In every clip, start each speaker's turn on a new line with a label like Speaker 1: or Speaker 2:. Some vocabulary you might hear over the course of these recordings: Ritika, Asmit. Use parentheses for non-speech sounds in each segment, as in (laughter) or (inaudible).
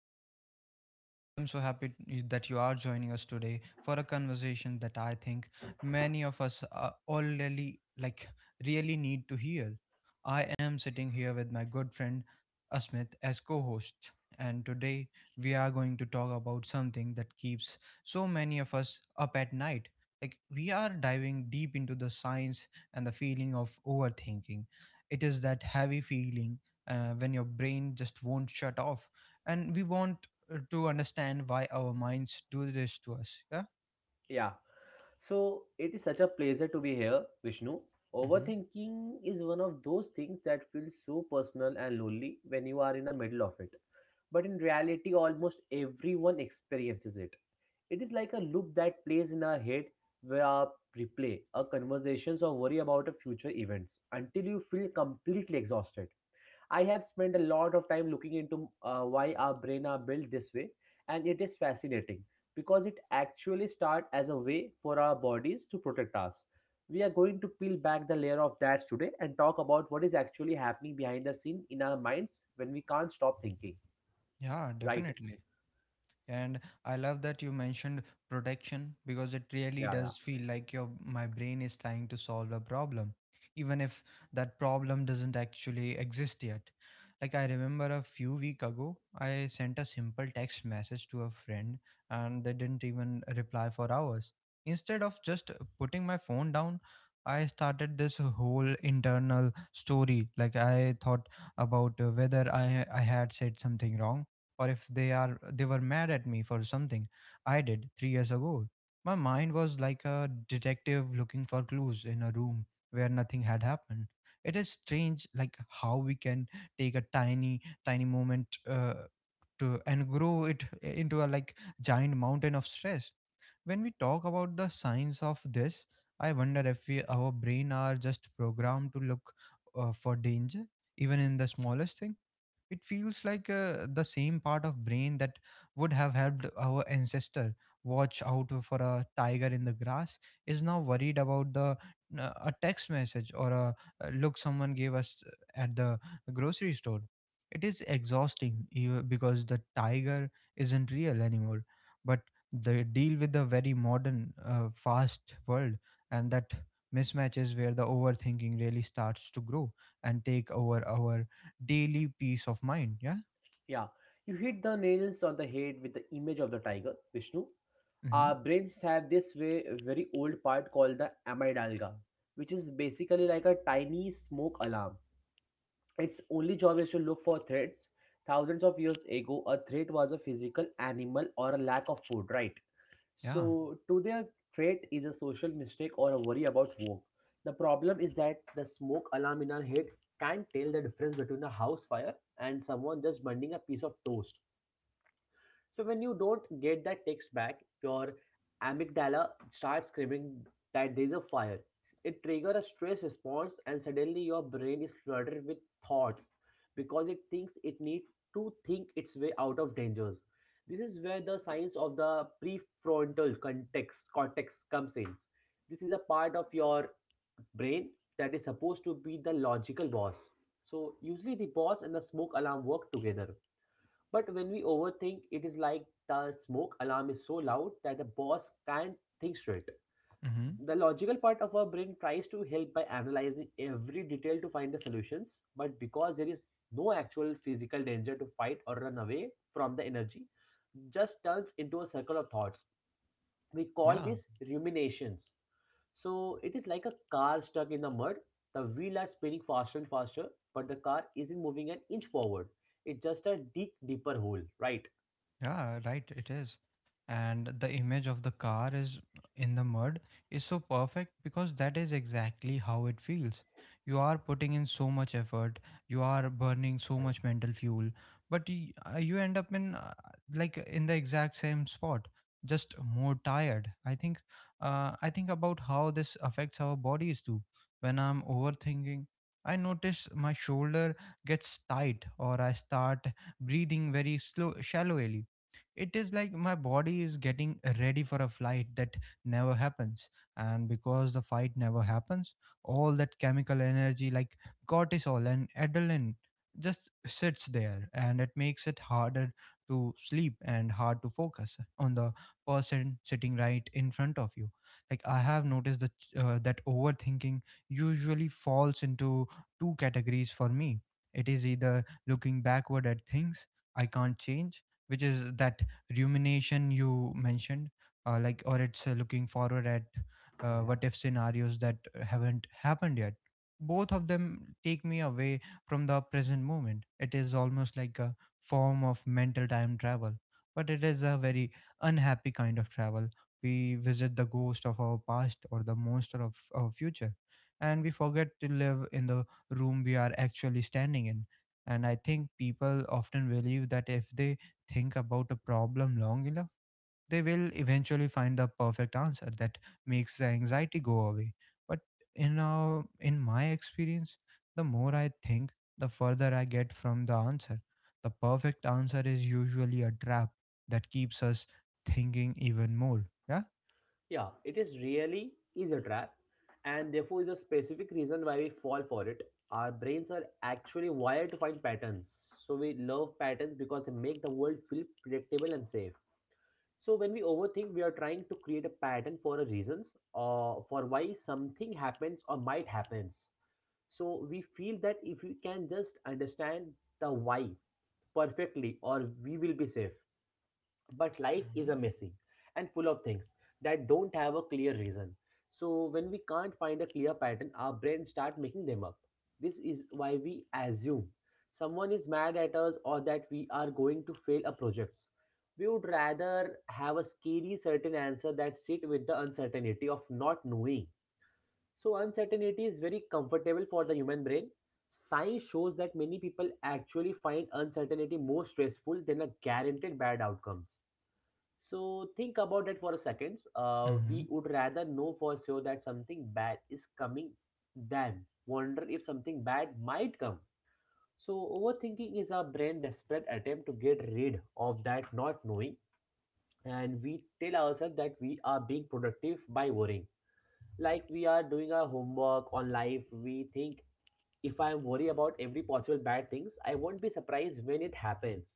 Speaker 1: to our show. I am so happy that you are joining us today for a conversation that I think many of us already really need to hear. I am sitting here with my good friend Asmit as co-host, and today we are going to talk about something that keeps so many of us up at night. Like we are diving deep into the science and the feeling of overthinking. It is that heavy feeling when your brain just won't shut off, and we want to understand why our minds do this to us yeah
Speaker 2: Yeah. So it is such a pleasure to be here, Vishnu.
Speaker 1: hmm
Speaker 2: Overthinking is one of those things that feels so personal and lonely when you are in the middle of it. But in reality, almost everyone experiences it. It is like a loop that plays in our head where our replay, our conversations, or worry about our future events until you feel completely exhausted. I have spent a lot of time looking into why our brain are built this way, and it is fascinating because it actually starts as a way for our bodies to protect us. We are going to peel back the layer of that today and talk about what is actually happening behind the scene in our minds when we can't stop thinking.
Speaker 1: yeah
Speaker 2: Right?
Speaker 1: Definitely. And I love that you mentioned protection, because it really
Speaker 2: Yeah, yeah,
Speaker 1: does feel like your my brain is trying to solve a problem, even if that problem doesn't actually exist yet. Like I remember a few week ago I sent a simple text message to a friend, and they didn't even reply for hours. Instead of just putting my phone down, I started this whole internal story. Like I thought about whether I had said something wrong, or if they were mad at me for something I did 3 years ago. My mind was like a detective looking for clues in a room where nothing had happened. It is strange, like how we can take a tiny moment to and grow it into a giant mountain of stress. When we talk about the science of this, I wonder if our brain are just programmed to look for danger even in the smallest things. It feels like the same part of brain that would have helped our ancestor watch out for a tiger in the grass is now worried about the a text message or a look someone gave us at the grocery store. It is exhausting, because the tiger isn't real anymore, but they deal with the very modern fast world, and that mismatch is where the overthinking really starts to grow and take over our daily peace of mind. Yeah.
Speaker 2: yeah. You hit the nails on the head with the image of the tiger, Vishnu.
Speaker 1: Mm-hmm.
Speaker 2: Our brains have this way very old part called the amygdala, which is basically like a tiny smoke alarm. Its only job is to look for threats. Thousands of years ago, a threat was a physical animal or a lack of food, right?
Speaker 1: Yeah.
Speaker 2: So today, a threat is a social mistake or a worry about work. The problem is that the smoke alarm in our head can't tell the difference between a house fire and someone just burning a piece of toast. So when you don't get that text back, your amygdala starts screaming that there's a fire. It triggers a stress response, and suddenly your brain is flooded with thoughts because it thinks it needs to think its way out of dangers. This is where the science of the prefrontal context cortex comes in. This is a part of your brain that is supposed to be the logical boss. So usually the boss and the smoke alarm work together. But when we overthink, it is like the smoke alarm is so loud that the boss can't think straight.
Speaker 1: Mm-hmm.
Speaker 2: The logical part of our brain tries to help by analyzing every detail to find the solutions, but because there is no actual physical danger to fight or run away from the energy, just turns into a circle of thoughts. We call
Speaker 1: Yeah.
Speaker 2: this ruminations. So it is like a car stuck in the mud. The wheels are spinning faster and faster, but the car isn't moving an inch forward. It's just a deep, deeper hole, right?
Speaker 1: Yeah, right, it is. And the image of the car is in the mud is so perfect, because that is exactly how it feels. You are putting in so much effort, you are burning so much
Speaker 2: Yes.
Speaker 1: mental fuel, but you end up in in the exact same spot, just more tired. I think about how this affects our bodies too. When I'm overthinking, I notice my shoulder gets tight, or I start breathing very slow shallowly. It is like my body is getting ready for a flight that never happens. And because the fight never happens, all that chemical energy, like cortisol and adrenaline, just sits there, and it makes it harder to sleep and hard to focus on the person sitting right in front of you. Like I have noticed that overthinking usually falls into two categories for me. It is either looking backward at things I can't change, which is that rumination you mentioned, or it's looking forward at
Speaker 2: Yeah, yeah.
Speaker 1: what if scenarios that haven't happened yet. Both of them take me away from the present moment. It is almost like a form of mental time travel, but it is a very unhappy kind of travel. We visit the ghost of our past or the monster of our future, and we forget to live in the room we are actually standing in. And I think people often believe that if they think about a problem long enough, they will eventually find the perfect answer that makes the anxiety go away. But in my experience, the more I think, the further I get from the answer. The perfect answer is usually a trap that keeps us thinking even more. Yeah.
Speaker 2: Yeah, it is really is a trap, and therefore is a specific reason why we fall for it. Our brains are actually wired to find patterns. So we love patterns because they make the world feel predictable and safe. So when we overthink, we are trying to create a pattern for a reasons or for why something happens or might happens. So we feel that if we can just understand the why perfectly, or we will be safe. But life
Speaker 1: Hmm.
Speaker 2: is a messy and full of things that don't have a clear reason. So when we can't find a clear pattern, our brain start making them up. This is why we assume someone is mad at us or that we are going to fail a project. We would rather have a scary certain answer that sit with the uncertainty of not knowing. So uncertainty is very comfortable for the human brain. Science shows that many people actually find uncertainty more stressful than a guaranteed bad outcomes. So think about that for a second.
Speaker 1: Mm-hmm.
Speaker 2: We would rather know for sure that something bad is coming than wonder if something bad might come. So overthinking is our brain desperate attempt to get rid of that not knowing, and we tell ourselves that we are being productive by worrying. Like we are doing our homework on life, we think if I am worried about every possible bad things, I won't be surprised when it happens.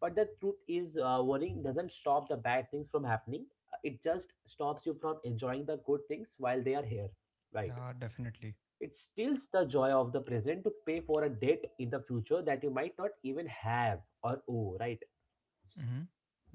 Speaker 2: But the truth is, worrying doesn't stop the bad things from happening. It just stops you from enjoying the good things while they are here. Right.
Speaker 1: Yeah, definitely.
Speaker 2: It steals the joy of the present to pay for a debt in the future that you might not even have or owe. Right.
Speaker 1: Mm-hmm.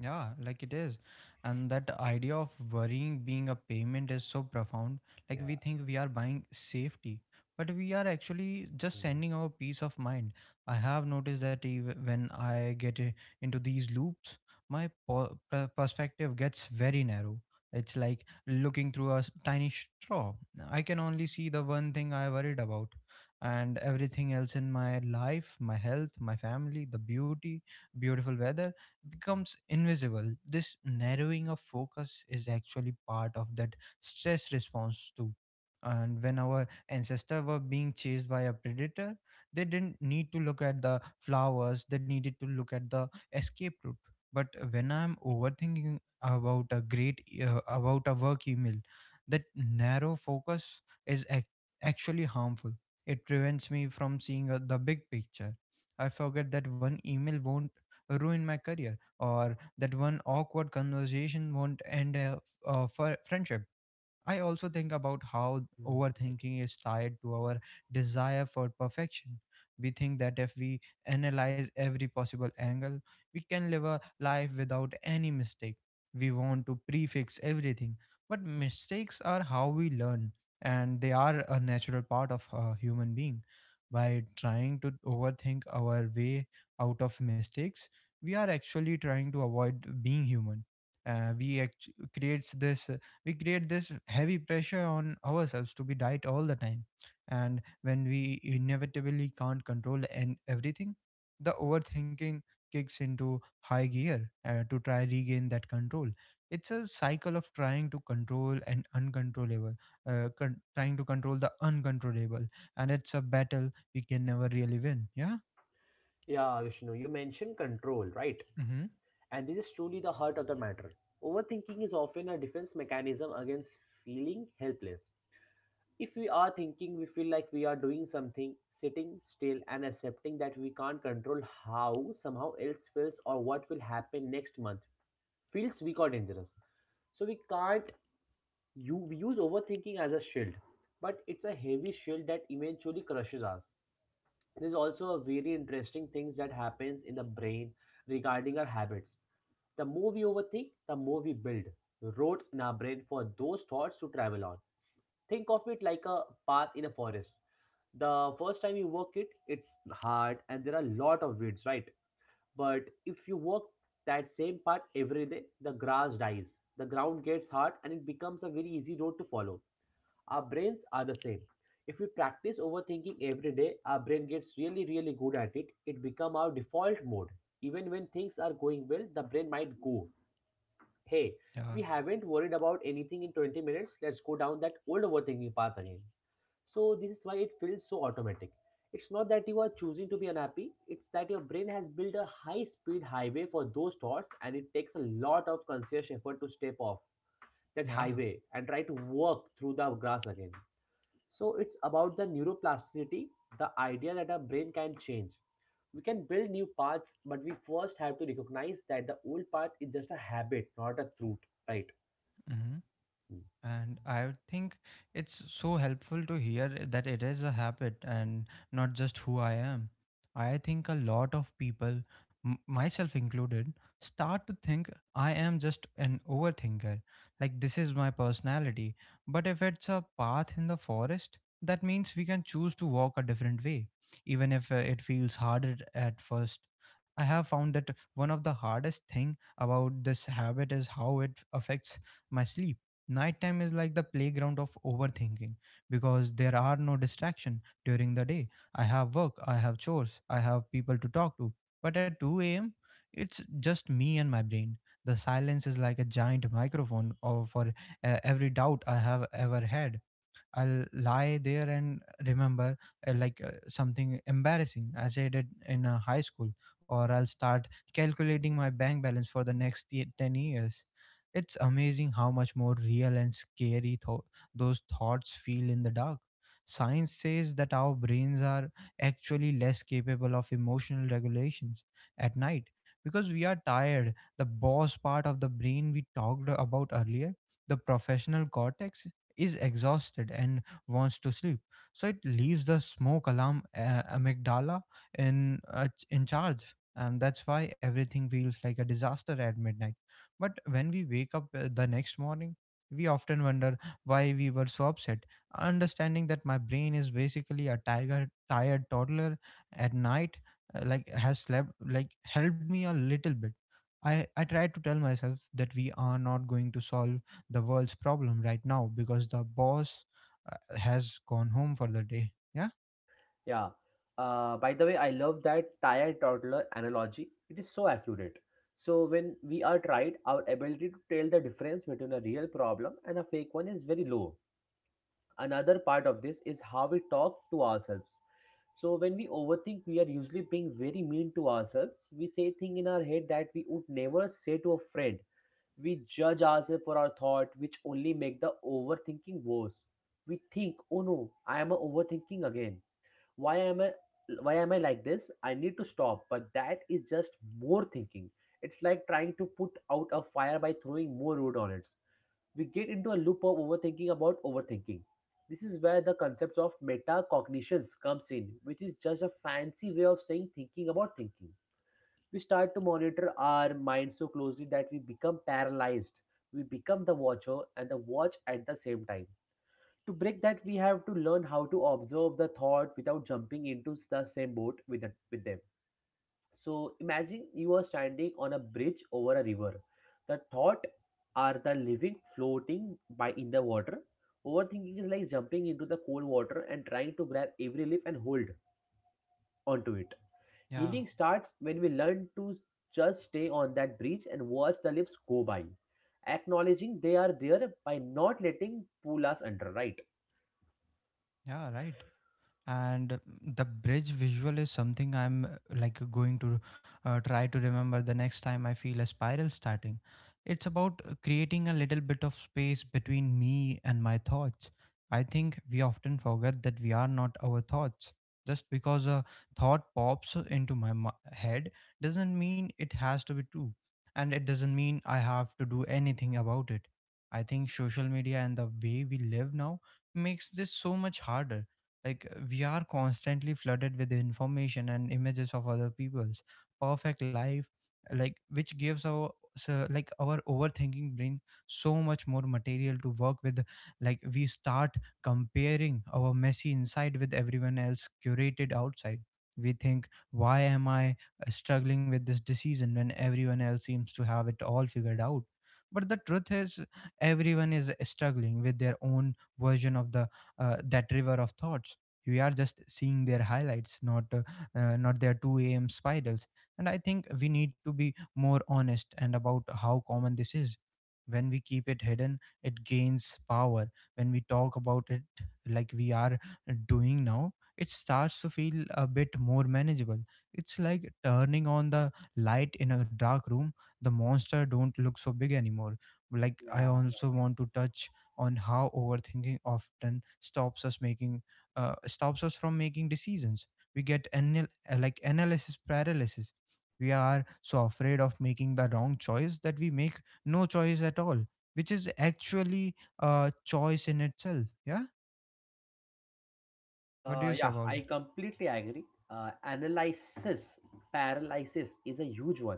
Speaker 1: Yeah, like it is. And that idea of worrying being a payment is so profound. Like
Speaker 2: Yeah.
Speaker 1: we think we are buying safety, but we are actually just
Speaker 2: Mm.
Speaker 1: sending our peace of mind. I have noticed that when into these loops, my perspective gets very narrow. It's like looking through a tiny straw. I can only see the one thing I worried about, and everything else in my life, my health, my family, the beautiful weather, becomes invisible. This narrowing of focus is actually part of that stress response too. And when our ancestors were being chased by a predator, they didn't need to look at the flowers, they needed to look at the escape route. But when I'm overthinking about a great about a work email, that narrow focus is actually harmful. It prevents me from seeing the big picture. I forget that one email won't ruin my career, or that one awkward conversation won't end a friendship. I also think about how
Speaker 2: Mm.
Speaker 1: overthinking is tied to our desire for perfection. We think that if we analyze every possible angle, we can live a life without any mistake. We want to prefix everything, but mistakes are how we learn, and they are a natural part of a human being. By trying to overthink our way out of mistakes, we are actually trying to avoid being human. Uh, we act- creates this we create this heavy pressure on ourselves to be right all the time, and when we inevitably can't control and everything, the overthinking kicks into high gear to try regain that control. It's a cycle of trying to control and uncontrollable, trying to control the uncontrollable, and it's a battle we can never really win yeah
Speaker 2: Yeah, Vishnu, you mentioned control, right?
Speaker 1: mm-hmm.
Speaker 2: And this is truly the heart of the matter. Overthinking is often a defense mechanism against feeling helpless. If we are thinking, we feel like we are doing something, sitting still and accepting that we can't control how somehow else feels or what will happen next month feels weak or dangerous. So we can't you we use overthinking as a shield, but it's a heavy shield that eventually crushes us. There's also a very interesting things that happens in the brain regarding our habits. The more we overthink, the more we build roads in our brain for those thoughts to travel on. Think of it like a path in a forest. The first time you work it, it's hard and there are a lot of weeds, right? But if you work that same part every day, the grass dies, the ground gets hard, and it becomes a very easy road to follow. Our brains are the same. If we practice overthinking every day, our brain gets really really good at it. It become our default mode. Even when things are going well, the brain might go, hey,
Speaker 1: yeah
Speaker 2: we haven't worried about anything in 20 minutes, let's go down that old overthinking path again. So this is why it feels so automatic. It's not that you are choosing to be unhappy, it's that your brain has built a high speed highway for those thoughts and it takes a lot of conscious effort to step off that
Speaker 1: yeah
Speaker 2: highway and try to walk through the grass again. So it's about the neuroplasticity, the idea that our brain can change. We can build new paths, but we first have to recognize that the old path is just a habit, not a truth, right?
Speaker 1: mm-hmm. And I think it's so helpful to hear that it is a habit and not just who I am. I think a lot of people, myself included, start to think I am just an overthinker. Like this is my personality. But if it's a path in the forest, that means we can choose to walk a different way, even if it feels harder at first. I have found that one of the hardest thing about this habit is how it affects my sleep. Nighttime is like the playground of overthinking, because there are no distraction during the day. I have work, I have chores, I have people to talk to. But at 2 a.m it's just me and my brain. The silence is like a giant microphone or for every doubt I have ever had. I'll lie there and remember something embarrassing as I did in high school, or I'll start calculating my bank balance for the next 10 years. It's amazing how much more real and scary those thoughts feel in the dark. Science says that our brains are actually less capable of emotional regulations at night, because we are tired. The boss part of the brain we talked about earlier, the professional cortex, is exhausted and wants to sleep. So it leaves the smoke alarm, amygdala, in charge, and that's why everything feels like a disaster at midnight. But when we wake up the next morning, we often wonder why we were so upset. Understanding that my brain is basically a tiger tired toddler at night, like has slept, like helped me a little bit. I tried to tell myself that we are not going to solve the world's problem right now, because the boss has gone home for the day yeah
Speaker 2: Yeah. By the way, I love that tired toddler analogy. It is so accurate. So when we are tired, our ability to tell the difference between a real problem and a fake one is very low. Another part of this is how we talk to ourselves. So when we overthink, we are usually being very mean to ourselves. We say things in our head that we would never say to a friend. We judge ourselves for our thought, which only make the overthinking worse. We think, oh no, I am a overthinking again. Why am i why am i like this, I need to stop. But that is just more thinking. It's like trying to put out a fire by throwing more wood on it. We get into a loop of overthinking about overthinking. This is where the concept of metacognitions comes in, which is just a fancy way of saying thinking about thinking. We start to monitor our mind so closely that we become paralyzed. We become the watcher and the watch at the same time. To break that, we have to learn how to observe the thought without jumping into the same boat with them. So imagine you are standing on a bridge over a river. The thought are the living floating by in the water. Overthinking is like jumping into the cold water and trying to grab every leaf and hold onto it.
Speaker 1: Yeah,
Speaker 2: Healing starts when we learn to just stay on that bridge and watch the leaves go by, acknowledging they are there by not letting pull us under, right?
Speaker 1: yeah, right. And the bridge visual is something I'm like going to try to remember the next time I feel a spiral starting. It's about creating a little bit of space between me and my thoughts. I think we often forget that we are not our thoughts. Just because a thought pops into my head doesn't mean it has to be true, and it doesn't mean I have to do anything about it. I think social media and the way we live now makes this so much harder. Like we are constantly flooded with information and images of other people's perfect life, like which gives our overthinking brain so much more material to work with. Like we start comparing our messy inside with everyone else curated outside. We think, why am I struggling with this decision when everyone else seems to have it all figured out? But the truth is, everyone is struggling with their own version of the that river of thoughts. We are just seeing their highlights, not not their 2 a.m. spirals. And I think we need to be more honest and about how common this is. When we keep it hidden, it gains power. When we talk about it, like we are doing now, it starts to feel a bit more manageable. It's like turning on the light in a dark room. The monster don't look so big anymore. Like I also want to touch on how overthinking often stops us from making decisions. We get like analysis paralysis. We are so afraid of making the wrong choice that we make no choice at all, which is actually a choice in itself. Yeah, what do you say
Speaker 2: Yeah,
Speaker 1: about
Speaker 2: I
Speaker 1: that?
Speaker 2: completely agree. Analysis paralysis is a huge one.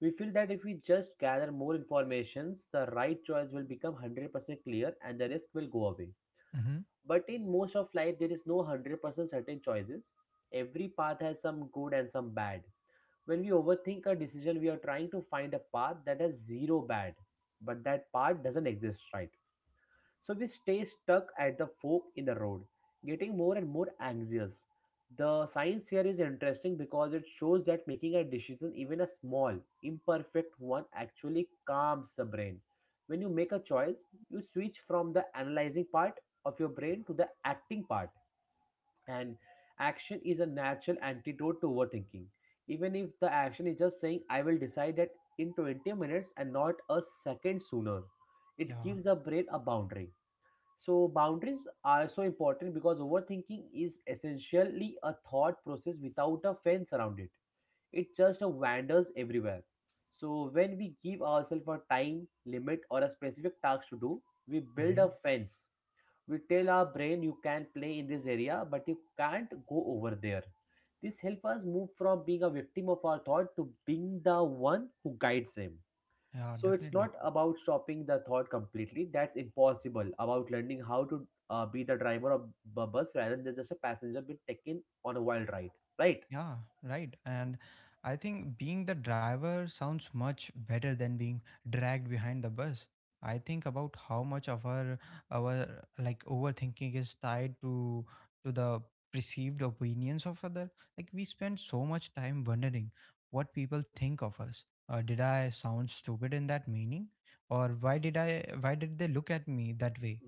Speaker 2: We feel that if we just gather more informations, the right choice will become 100% clear and the risk will go away.
Speaker 1: Hmm.
Speaker 2: But in most of life, there is no 100% certain choices. Every path has some good and some bad. When we overthink a decision, we are trying to find a path that has zero bad, but that path doesn't exist, right? So we stay stuck at the fork in the road, getting more and more anxious. The science here is interesting because it shows that making a decision, even a small, imperfect one, actually calms the brain. When you make a choice, you switch from the analyzing part of your brain to the acting part, and action is a natural antidote to overthinking. Even if the action is just saying, I will decide that in 20 minutes and not a second sooner, it
Speaker 1: Yeah.
Speaker 2: gives the brain a boundary. So, boundaries are so important because overthinking is essentially a thought process without a fence around it. It just wanders everywhere. So, when we give ourselves a time limit or a specific task to do, we build
Speaker 1: hmm
Speaker 2: a fence. We tell our brain you can play in this area, but you can't go over there. This helps us move from being a victim of our thought to being the one who guides them.
Speaker 1: yeah,
Speaker 2: So it's
Speaker 1: definitely.
Speaker 2: not about stopping the thought completely. That's impossible. About learning how to be the driver of a bus rather than just a passenger being taken on a wild ride. Right?
Speaker 1: Yeah, right. And I think being the driver sounds much better than being dragged behind the bus. I think about how much of our overthinking is tied to the perceived opinions of other. Like we spend so much time wondering what people think of us. Did I sound stupid in that meaning, or why did they look at me that way?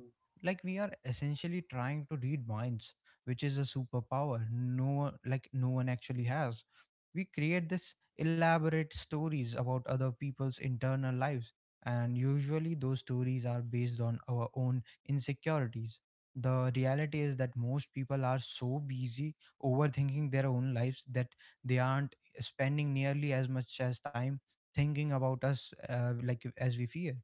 Speaker 1: Like we are essentially trying to read minds, which is a superpower no one actually has. We create this elaborate stories about other people's internal lives, and usually those stories are based on our own insecurities. The reality is that most people are so busy overthinking their own lives that they aren't spending nearly as much as time thinking about us like as we fear.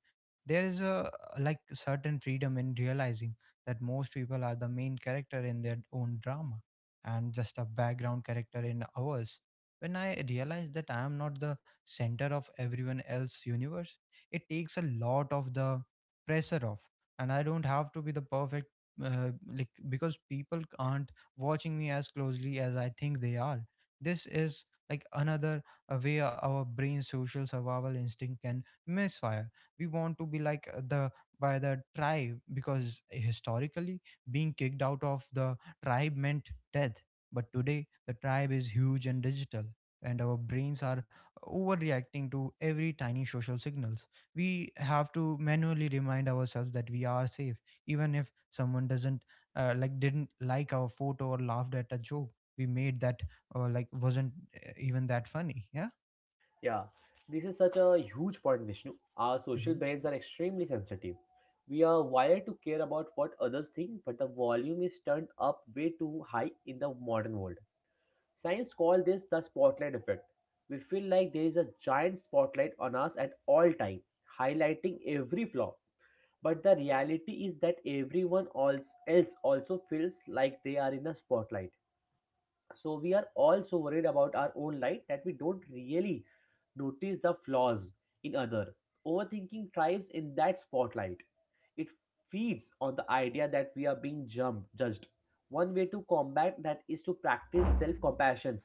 Speaker 1: There is a like certain freedom in realizing that most people are the main character in their own drama and just a background character in ours. When I realize that I am not the center of everyone else's universe, it takes a lot of the pressure off, and I don't have to be the perfect. Like because people aren't watching me as closely as I think they are. This is like another way our brain's social survival instinct can misfire. We want to be like the by the tribe because historically being kicked out of the tribe meant death. But today, the tribe is huge and digital, and our brains are overreacting to every tiny social signals. We have to manually remind ourselves that we are safe, even if someone doesn't like didn't like our photo or laughed at a joke we made that wasn't even that funny. Yeah.
Speaker 2: Yeah. This is such a huge point, Vishnu. Our social
Speaker 1: Hmm.
Speaker 2: brains are extremely sensitive. We are wired to care about what others think, but the volume is turned up way too high in the modern world. Science calls this the spotlight effect. We feel like there is a giant spotlight on us at all time, highlighting every flaw. But the reality is that everyone else also feels like they are in a spotlight. So we are all so worried about our own light that we don't really notice the flaws in other. Overthinking thrives in that spotlight. It feeds on the idea that we are being jumped, judged. One way to combat that is to practice self compassion.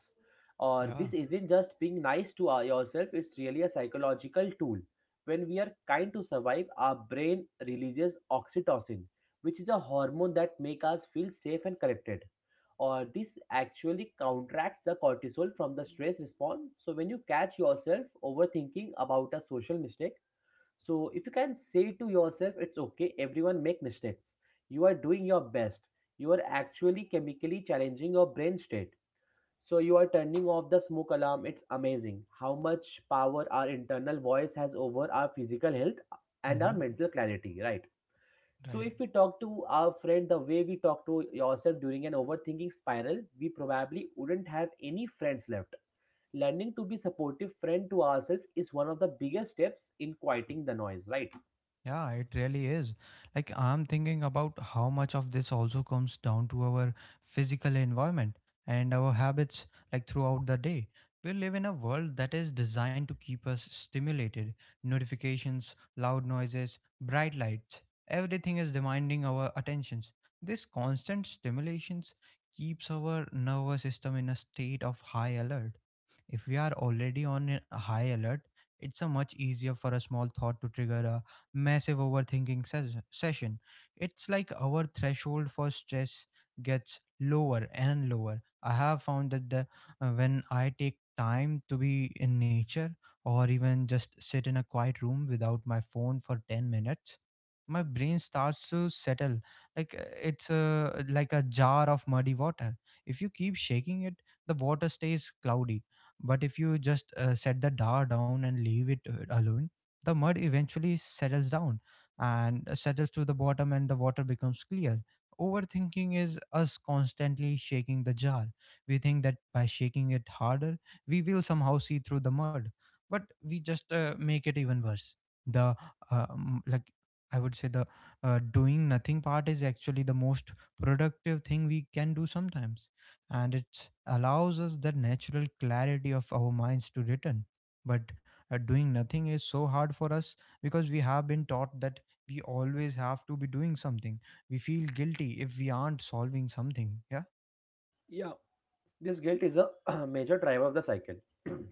Speaker 2: Or
Speaker 1: Yeah.
Speaker 2: this isn't just being nice to yourself, it's really a psychological tool. When we are kind to survive, our brain releases oxytocin, which is a hormone that makes us feel safe and connected, or this actually counteracts the cortisol from the stress response. So when you catch yourself overthinking about a social mistake, so if you can say to yourself, it's okay, everyone make mistakes. You are doing your best. You are actually chemically challenging your brain state. So you are turning off the smoke alarm. It's amazing how much power our internal voice has over our physical health and our
Speaker 1: Mm-hmm.
Speaker 2: mental clarity, right? So
Speaker 1: Right.
Speaker 2: if we talk to our friend the way we talk to yourself during an overthinking spiral, we probably wouldn't have any friends left. Learning to be supportive friend to ourselves is one of the biggest steps in quieting the noise, right?
Speaker 1: Yeah, it really is. Like, I'm thinking about how much of this also comes down to our physical environment and our habits, like, throughout the day. We live in a world that is designed to keep us stimulated. Notifications, loud noises, bright lights, everything is demanding our attentions. This constant stimulations keeps our nervous system in a state of high alert. If we are already on a high alert, it's a much easier for a small thought to trigger a massive overthinking session. It's like our threshold for stress gets lower and lower. I have found that the when I take time to be in nature or even just sit in a quiet room without my phone for 10 minutes, my brain starts to settle, like a jar of muddy water. If you keep shaking it, the water stays cloudy, but if you just set the jar down and leave it alone, the mud eventually settles down and settles to the bottom, and the water becomes clear. Overthinking is us constantly shaking the jar. We think that by shaking it harder, we will somehow see through the mud, but we just make it even worse. The like I would say the doing nothing part is actually the most productive thing we can do sometimes, and it allows us the natural clarity of our minds to return. But doing nothing is so hard for us because we have been taught that we always have to be doing something. We feel guilty if we aren't solving something. Yeah,
Speaker 2: Yeah, this guilt is a (clears throat) major driver of the cycle.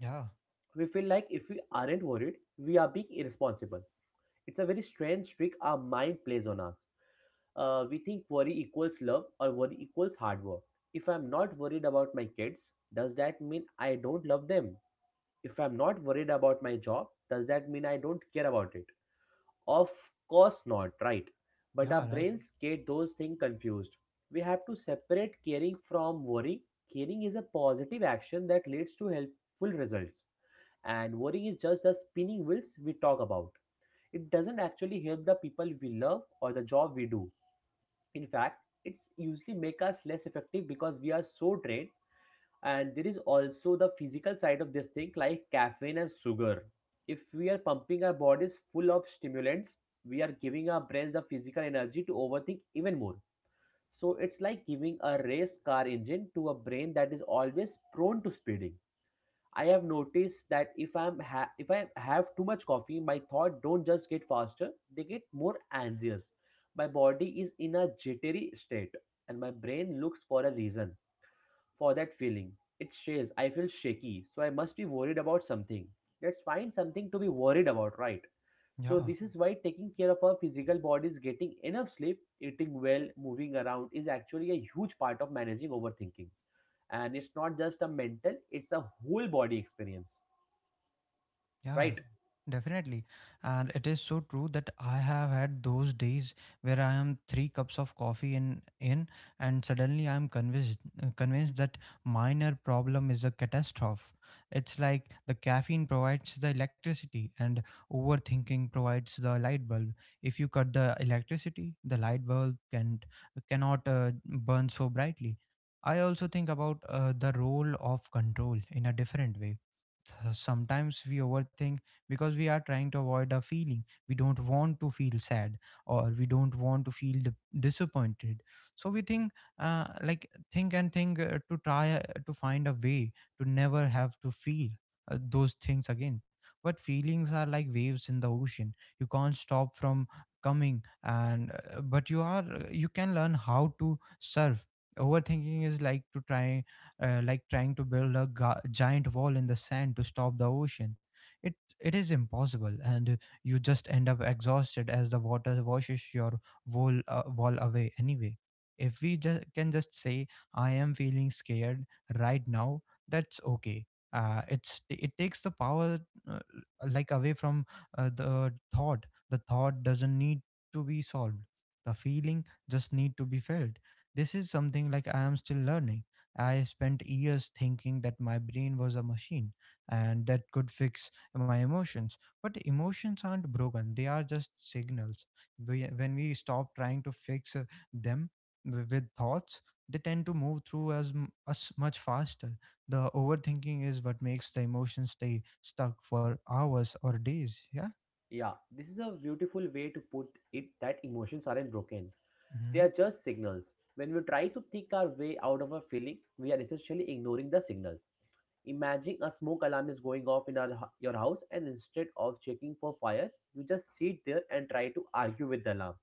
Speaker 1: yeah,
Speaker 2: We feel like if we aren't worried, we are being irresponsible. It's a very strange trick our mind plays on us. We think worry equals love or worry equals hard work. If I'm not worried about my kids, does that mean I don't love them? If I'm not worried about my job, does that mean I don't care about it? Of course not, right? But our
Speaker 1: yeah, right.
Speaker 2: brains get those things confused. We have to separate caring from worrying. Caring is a positive action that leads to helpful results, and worrying is just the spinning wheels we talk about. It doesn't actually help the people we love or the job we do. In fact, it's usually make us less effective because we are so drained. And there is also the physical side of this thing, like caffeine and sugar. If we are pumping our bodies full of stimulants, we are giving our brains the physical energy to overthink even more. So it's like giving a race car engine to a brain that is always prone to speeding. I have noticed that if I have too much coffee, my thoughts don't just get faster, they get more anxious. My body is in a jittery state, and my brain looks for a reason for that feeling. It says I feel shaky, so I must be worried about something. Let's find something to be worried about, right? So
Speaker 1: Yeah.
Speaker 2: this is why taking care of our physical bodies, getting enough sleep, eating well, moving around is actually a huge part of managing overthinking. And it's not just a mental, it's a whole body experience.
Speaker 1: Yeah,
Speaker 2: Right?
Speaker 1: definitely. And it is so true that I have had those days where I am three cups of coffee in and suddenly I am convinced that minor problem is a catastrophe. It's like the caffeine provides the electricity and overthinking provides the light bulb. If you cut the electricity, the light bulb cannot burn so brightly. I also think about the role of control in a different way. Sometimes we overthink because we are trying to avoid a feeling. We don't want to feel sad, or we don't want to feel disappointed, so we think and think to try to find a way to never have to feel those things again. But feelings are like waves in the ocean. You can't stop from coming and but you are you can learn how to surf. Overthinking is like to try like trying to build a giant wall in the sand to stop the ocean. It it is impossible, and you just end up exhausted as the water washes your wall away anyway. If we just can just say, "I am feeling scared right now," that's okay. It takes the power uh, away from the thought. The thought doesn't need to be solved. The feeling just need to be felt. This is something like I am still learning. I spent years thinking that my brain was a machine and that could fix my emotions. But emotions aren't broken, they are just signals. When we stop trying to fix them with thoughts, they tend to move through us much faster. The overthinking is what makes the emotions stay stuck for hours or days. Yeah.
Speaker 2: Yeah. This is a beautiful way to put it that emotions aren't broken. They
Speaker 1: Hmm.
Speaker 2: are just signals. When we try to think our way out of a feeling, we are essentially ignoring the signals. Imagine a smoke alarm is going off in our, your house, and instead of checking for fire, you just sit there and try to argue with the alarm.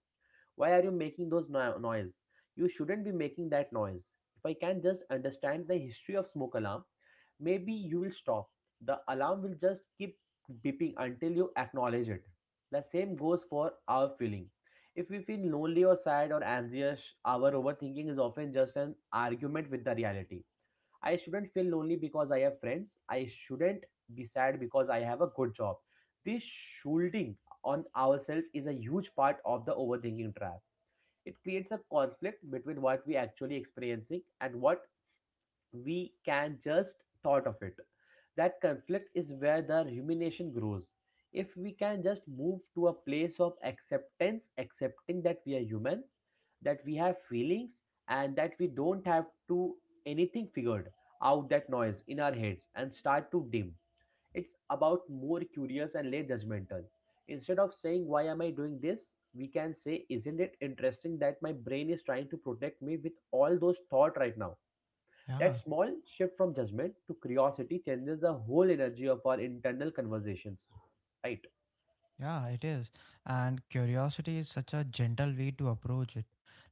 Speaker 2: Why are you making those noise? You shouldn't be making that noise. If I can just understand the history of smoke alarm, maybe you will stop. The alarm will just keep beeping until you acknowledge it. The same goes for our feeling. If we feel lonely or sad or anxious, our overthinking is often just an argument with the reality. I shouldn't feel lonely because I have friends. I shouldn't be sad because I have a good job. This shielding on ourselves is a huge part of the overthinking trap. It creates a conflict between what we actually experiencing and what we can just thought of it. That conflict is where the rumination grows. If we can just move to a place of acceptance, accepting that we are humans, that we have feelings, and that we don't have to anything figured out, that noise in our heads and start to dim. It's about more curious and less judgmental. Instead of saying why am I doing this, we can say isn't it interesting that my brain is trying to protect me with all those thought right now. That
Speaker 1: Yeah.
Speaker 2: small shift from judgment to curiosity changes the whole energy of our internal conversations. Right.
Speaker 1: Yeah, it is. And curiosity is such a gentle way to approach it.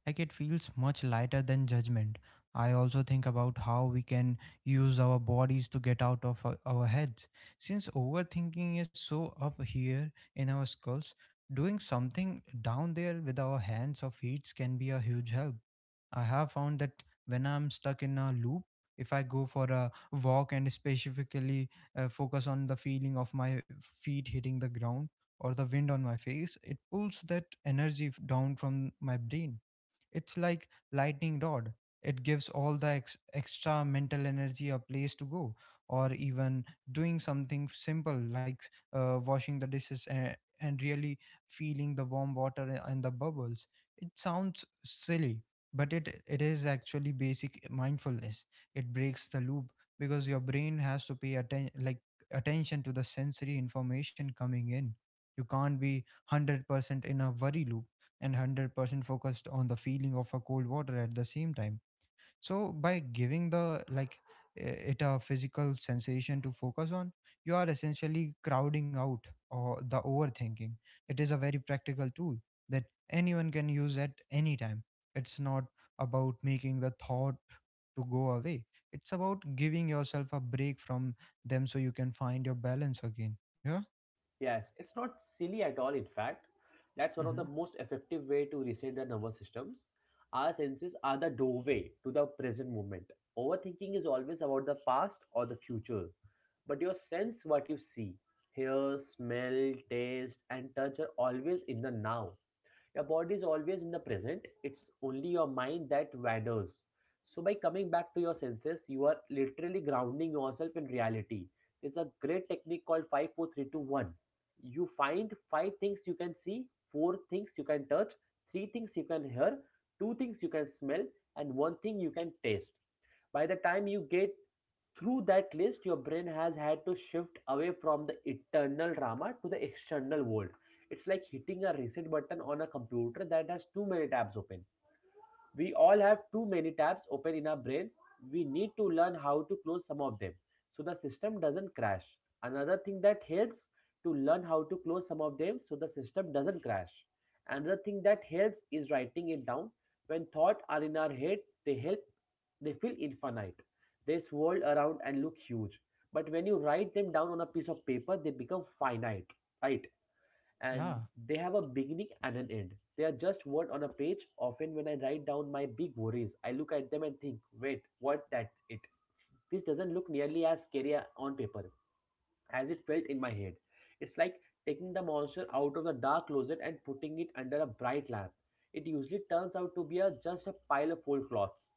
Speaker 1: Like it feels much lighter than judgment. I also think about how we can use our bodies to get out of our heads. Since overthinking is so up here in our skulls, doing something down there with our hands or feet can be a huge help. I have found that when I'm stuck in a loop, if I go for a walk and specifically focus on the feeling of my feet hitting the ground or the wind on my face, it pulls that energy down from my brain. It's like lightning rod. It gives all the extra mental energy a place to go. Or even doing something simple like washing the dishes and really feeling the warm water and the bubbles. It sounds silly, but it is actually basic mindfulness. It breaks the loop because your brain has to pay attention to the sensory information coming in. You can't be 100% in a worry loop and 100% focused on the feeling of a cold water at the same time. So by giving it a physical sensation to focus on, you are essentially crowding out or the overthinking. It is a very practical tool that anyone can use at any time. It's not about making the thought to go away. It's about giving yourself a break from them so you can find your balance again. Yeah.
Speaker 2: Yes, it's not silly at all. In fact, that's one of
Speaker 1: Mm-hmm.
Speaker 2: the most effective way to reset the nervous systems. Our senses are the doorway to the present moment. Overthinking is always about the past or the future, but your sense, what you see, hear, smell, taste, and touch, are always in the now. Your body is always in the present, it's only your mind that wanders. So, by coming back to your senses, you are literally grounding yourself in reality. There's a great technique called five, four, three, two, one. You find five things you can see, four things you can touch, three things you can hear, two things you can smell, and one thing you can taste. By the time you get through that list, your brain has had to shift away from the internal drama to the external world. It's like hitting a reset button on a computer that has too many tabs open. We all have too many tabs open in our brains. We need to learn how to close some of them so the system doesn't crash. Another thing that helps to learn how to close some of them so the system doesn't crash. Another thing that helps is writing it down. When thoughts are in our head, they help they feel infinite. They swirl around and look huge. But when you write them down on a piece of paper, they become finite, right?
Speaker 1: Yeah.
Speaker 2: And they have a beginning and an end. They are just word on a page. Often, when I write down my big worries, I look at them and think, wait, what? That's it. This doesn't look nearly as scary on paper as it felt in my head. It's like taking the monster out of the dark closet and putting it under a bright lamp. It usually turns out to be just a pile of old clothes,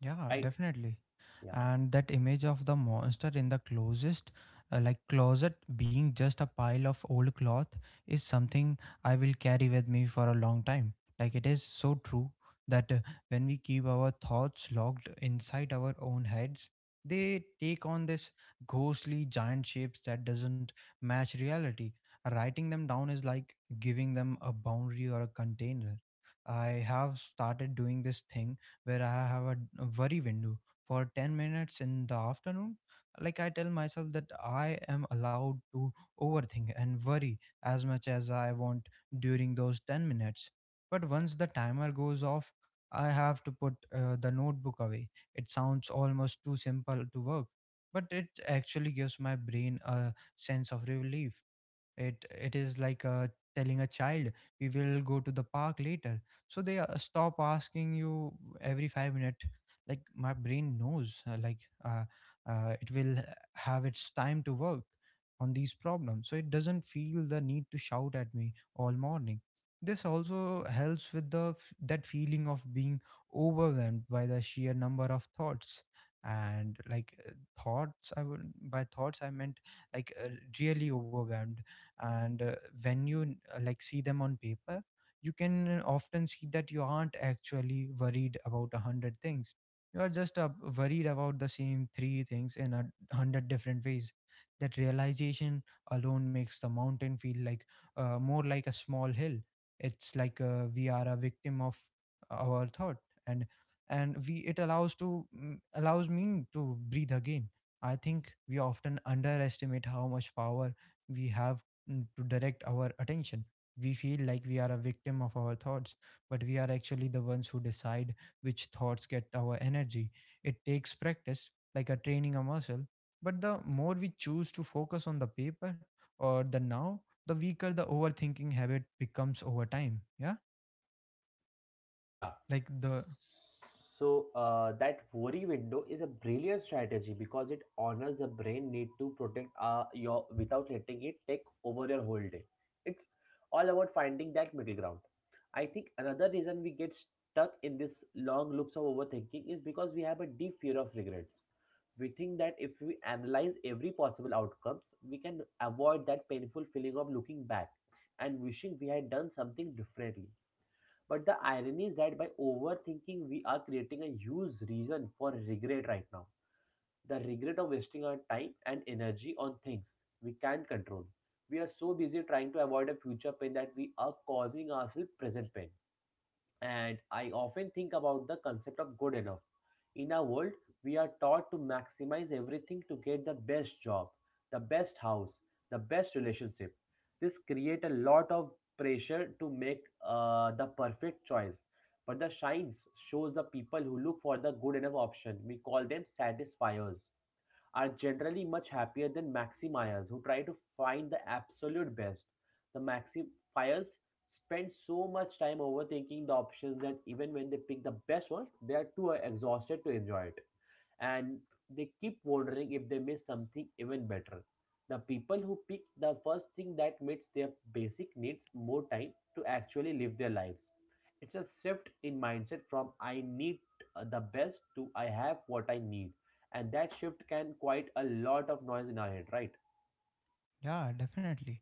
Speaker 1: Yeah,
Speaker 2: right?
Speaker 1: definitely.
Speaker 2: Yeah.
Speaker 1: And that image of the monster in the closest like closet being just a pile of old cloth is something I will carry with me for a long time. Like it is so true that when we keep our thoughts locked inside our own heads, they take on this ghostly giant shapes that doesn't match reality. Writing them down is like giving them a boundary or a container. I have started doing this thing where I have a worry window for 10 minutes in the afternoon. Like I tell myself that I am allowed to overthink and worry as much as I want during those 10 minutes, but once the timer goes off, I have to put the notebook away. It sounds almost too simple to work, but it actually gives my brain a sense of relief. It is like telling a child we will go to the park later, so they stop asking you every 5 minutes. Like my brain knows uh, it will have its time to work on these problems, so it doesn't feel the need to shout at me all morning. This also helps with that feeling of being overwhelmed by the sheer number of thoughts. And like thoughts I would by thoughts I meant like Really overwhelmed. And when you see them on paper, you can often see that you aren't actually worried about a hundred things. You are just worried about the same three things in a hundred different ways. That realization alone makes the mountain feel like more like a small hill. It's like we are a victim of our thought, and and we It allows to allows me to breathe again. I think we often underestimate how much power we have, to direct our attention. We feel like we are a victim of our thoughts, but we are actually the ones who decide which thoughts get our energy. It takes practice, like a training a muscle. But the more we choose to focus on the paper or the now, the weaker the overthinking habit becomes over time. Yeah.
Speaker 2: Yeah.
Speaker 1: Like the
Speaker 2: So that worry window is a brilliant strategy because it honors the brain need to protect your without letting it take over your whole day. It's all about finding that middle ground. I think another reason we get stuck in this long loops of overthinking is because we have a deep fear of regrets. We think that if we analyze every possible outcomes, we can avoid that painful feeling of looking back and wishing we had done something differently. But the irony is that by overthinking, we are creating a huge reason for regret right now. The regret of wasting our time and energy on things we can't control. We are so busy trying to avoid a future pain that we are causing ourselves present pain, and I often think about the concept of good enough. In our world, we are taught to maximize everything to get the best job, the best house, the best relationship. This creates a lot of pressure to make the perfect choice. But the shines shows the people who look for the good enough option. We call them satisfiers are generally much happier than maximiers who try to find the absolute best. The maximiers spend so much time overthinking the options that even when they pick the best one, they are too exhausted to enjoy it. And they keep wondering if they miss something even better. The people who pick the first thing that meets their basic needs more time to actually live their lives. It's a shift in mindset from I need the best to I have what I need and that shift can quite a lot of noise in our head, right?
Speaker 1: Yeah, definitely.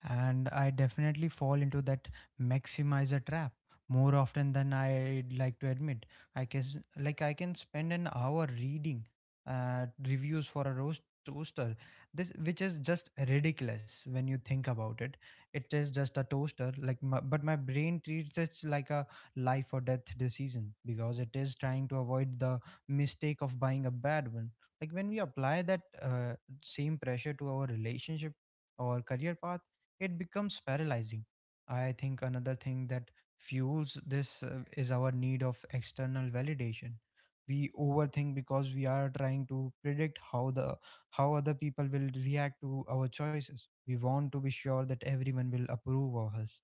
Speaker 1: And I definitely fall into that maximizer trap more often than I'd like to admit. I guess like I can spend an hour reading reviews for a roast toaster this which is just ridiculous when you think about it. It is just a toaster like but my brain treats it like a life or death decision because it is trying to avoid the mistake of buying a bad one. Like when we apply that same pressure to our relationship or career path, it becomes paralyzing. I think another thing that fuels this is our need of external validation. We overthink because we are trying to predict how the how other people will react to our choices. We want to be sure that everyone will approve of us,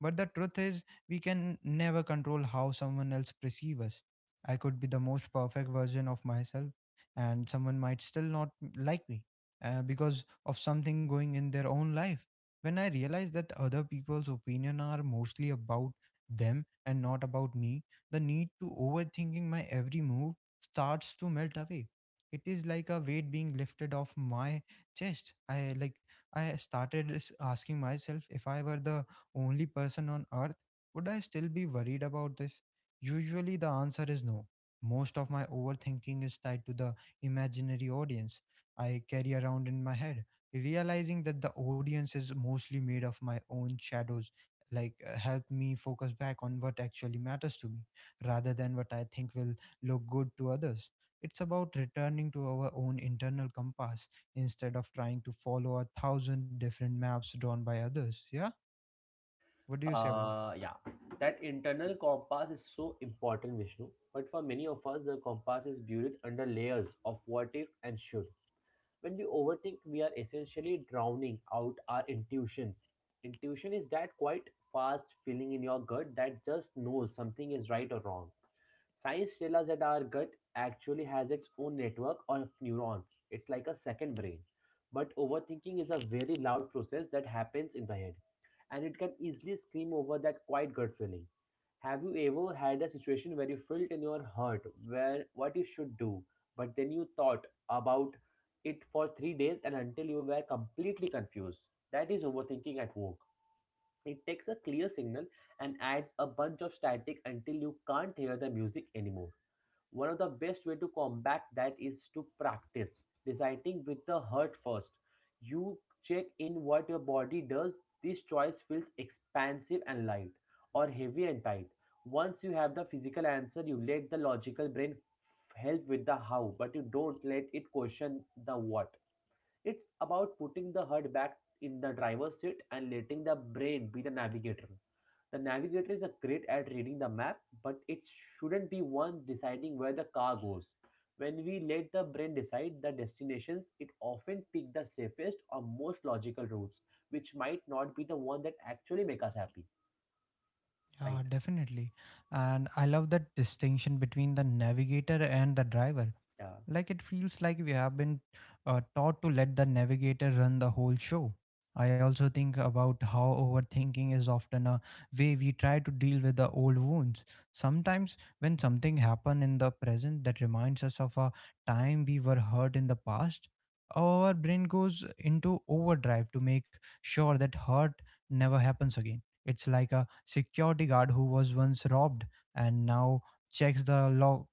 Speaker 1: but the truth is, we can never control how someone else perceives us. I could be the most perfect version of myself, and someone might still not like me because of something going in their own life. When I realize that other people's opinion are mostly about them and not about me, the need to overthinking my every move starts to melt away. It is like a weight being lifted off my chest. I asking myself, if I were the only person on earth, would I still be worried about this? Usually, the answer is no. Most of my overthinking is tied to the imaginary audience I carry around in my head. Realizing that the audience is mostly made of my own shadows help me focus back on what actually matters to me rather than what I think will look good to others. It's about returning to our own internal compass instead of trying to follow a thousand different maps drawn by others. Yeah. What do you say about it?
Speaker 2: Yeah, that internal compass is so important, Vishnu. But for many of us the compass is buried under layers of what if and should. When we overthink, we are essentially drowning out our intuitions. Intuition is that quite fast feeling in your gut that just knows something is right or wrong. Science tells us that our gut actually has its own network of neurons. It's like a second brain. But overthinking is a very loud process that happens in the head, and it can easily scream over that quiet gut feeling. Have you ever had a situation where you felt in your heart where what you should do, but then you thought about it for 3 days and until you were completely confused? That is overthinking at work. It takes a clear signal and adds a bunch of static until you can't hear the music anymore. One of the best way to combat that is to practice deciding with the heart first. You check in what your body does. This choice feels expansive and light or heavy and tight. Once you have the physical answer, you let the logical brain help with the how, but you don't let it question the what. It's about putting the heart back in the driver's seat and letting the brain be the navigator. The navigator is a great at reading the map, but it shouldn't be one deciding where the car goes. When we let the brain decide the destinations, it often picks the safest or most logical routes, which might not be the one that actually make us happy. Right?
Speaker 1: Yeah, definitely. And I love that distinction between the navigator and the driver.
Speaker 2: Yeah,
Speaker 1: Like it feels like we have been taught to let the navigator run the whole show. I also think about how overthinking is often a way we try to deal with the old wounds. Sometimes, when something happened in the present that reminds us of a time we were hurt in the past, our brain goes into overdrive to make sure that hurt never happens again. It's like a security guard who was once robbed and now checks the log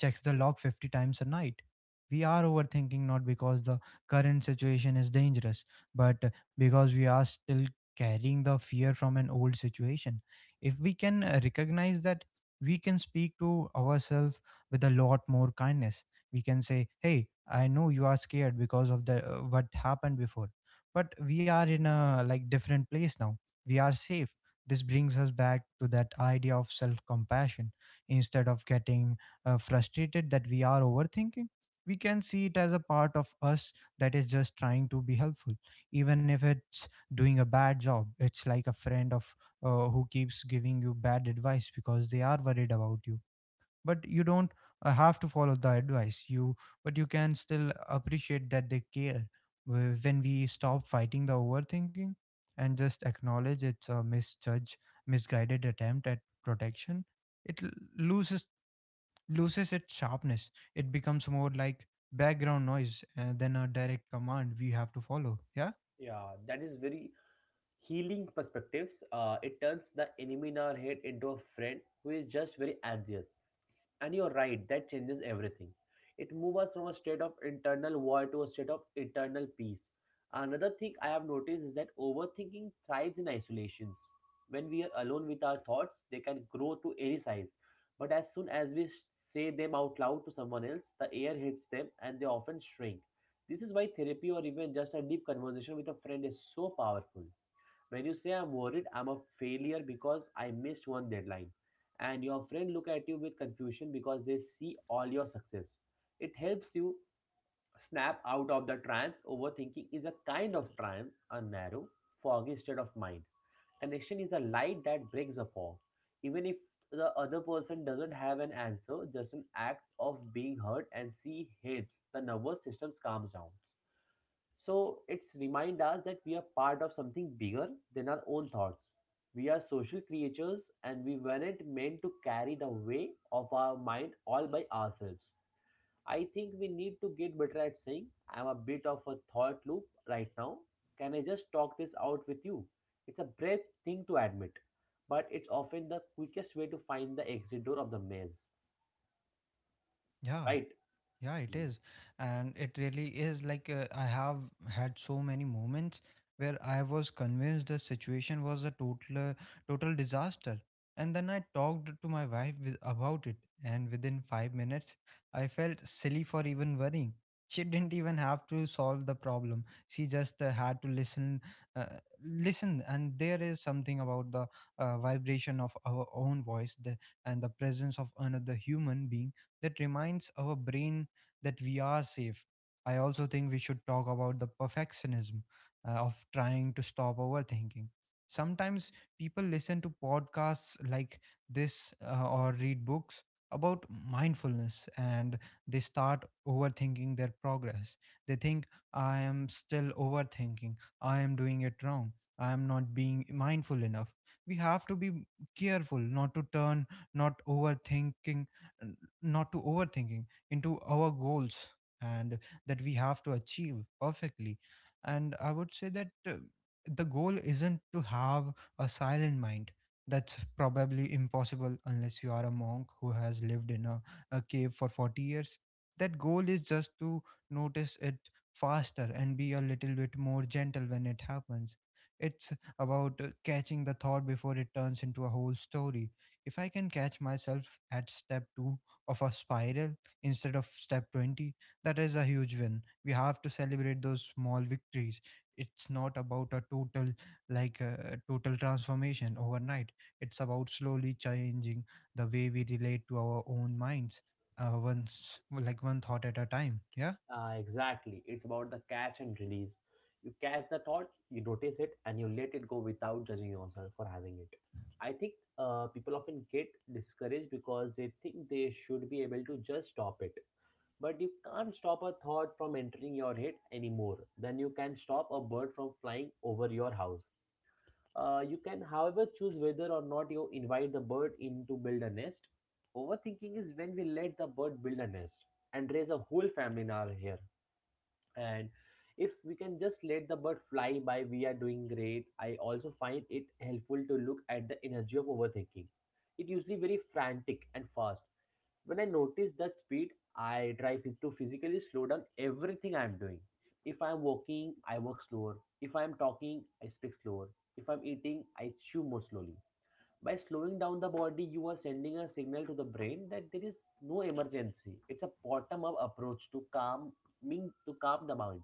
Speaker 1: checks the log 50 times a night. We are overthinking not because the current situation is dangerous, but because we are still carrying the fear from an old situation. If we can recognize that, we can speak to ourselves with a lot more kindness. We can say, hey, I know you are scared because of the what happened before, but we are in a like different place now. We are safe. This brings us back to that idea of self compassion. Instead of getting frustrated that we are overthinking, we can see it as a part of us that is just trying to be helpful, even if it's doing a bad job. It's like a friend of who keeps giving you bad advice because they are worried about you, but you don't have to follow the advice you but you can still appreciate that they care. When we stop fighting the overthinking and just acknowledge it's a misjudge misguided attempt at protection, it l- loses loses its sharpness. It becomes more like background noise than a direct command we have to follow. Yeah,
Speaker 2: yeah. That is very healing perspectives. It turns the enemy in our head into a friend who is just very anxious. And you're right, that changes everything. It moves us from a state of internal war to a state of internal peace. Another thing I have noticed is that overthinking thrives in isolations. When we are alone with our thoughts, they can grow to any size. But as soon as we say them out loud to someone else, the air hits them and they often shrink. This is why therapy or even just a deep conversation with a friend is so powerful. When you say I'm worried, I'm a failure because I missed one deadline. And your friend look at you with confusion because they see all your success. It helps you snap out of the trance. Overthinking is a kind of trance, a narrow, foggy state of mind. Connection is a light that breaks the fog. Even if the other person doesn't have an answer, just an act of being heard and see helps the nervous system calms down. So it's remind us that we are part of something bigger than our own thoughts. We are social creatures and we weren't meant to carry the weight of our mind all by ourselves. I think we need to get better at saying, I'm a bit of a thought loop right now. Can I just talk this out with you? It's a brave thing to admit, but it's often the quickest way to find the exit door of the maze,
Speaker 1: yeah.
Speaker 2: right?
Speaker 1: Yeah, it is. And it really is like I have had so many moments where I was convinced the situation was a total disaster. And then I talked to my wife about it, and within 5 minutes I felt silly for even worrying. She didn't even have to solve the problem. She just had to uh, listen. And there is something about the vibration of our own voice, and the presence of another human being that reminds our brain that we are safe. I also think we should talk about the perfectionism of trying to stop overthinking. Sometimes people listen to podcasts like this or read books about mindfulness, and they start overthinking their progress. They think, I am still overthinking, I am doing it wrong, I am not being mindful enough. We have to be careful not to turn not overthinking not to overthinking into our goals and that we have to achieve perfectly. And I would say that the goal isn't to have a silent mind. That's probably impossible unless you are a monk who has lived in a cave for 40 years. That goal is just to notice it faster and be a little bit more gentle when it happens. It's about catching the thought before it turns into a whole story. If I can catch myself at step 2 of a spiral instead of step 20, that is a huge win. We have to celebrate those small victories. It's not about a total like a total transformation overnight. It's about slowly changing the way we relate to our own minds, once like one thought at a time. Yeah.
Speaker 2: Exactly. It's about the catch and release. You catch the thought, you notice it, and you let it go without judging yourself for having it. I think people often get discouraged because they think they should be able to just stop it. But you can't stop a thought from entering your head anymore than you can stop a bird from flying over your house. You can, however, choose whether or not you invite the bird in to build a nest. Overthinking is when we let the bird build a nest and raise a whole family in our hair. And if we can just let the bird fly by, we are doing great. I also find it helpful to look at the energy of overthinking. It usually very frantic and fast. When I notice that speed, I try to physically slow down everything I'm doing. If I'm walking, I walk slower. If I'm talking, I speak slower. If I'm eating, I chew more slowly. By slowing down the body, you are sending a signal to the brain that there is no emergency. It's a bottom up approach to calm the mind,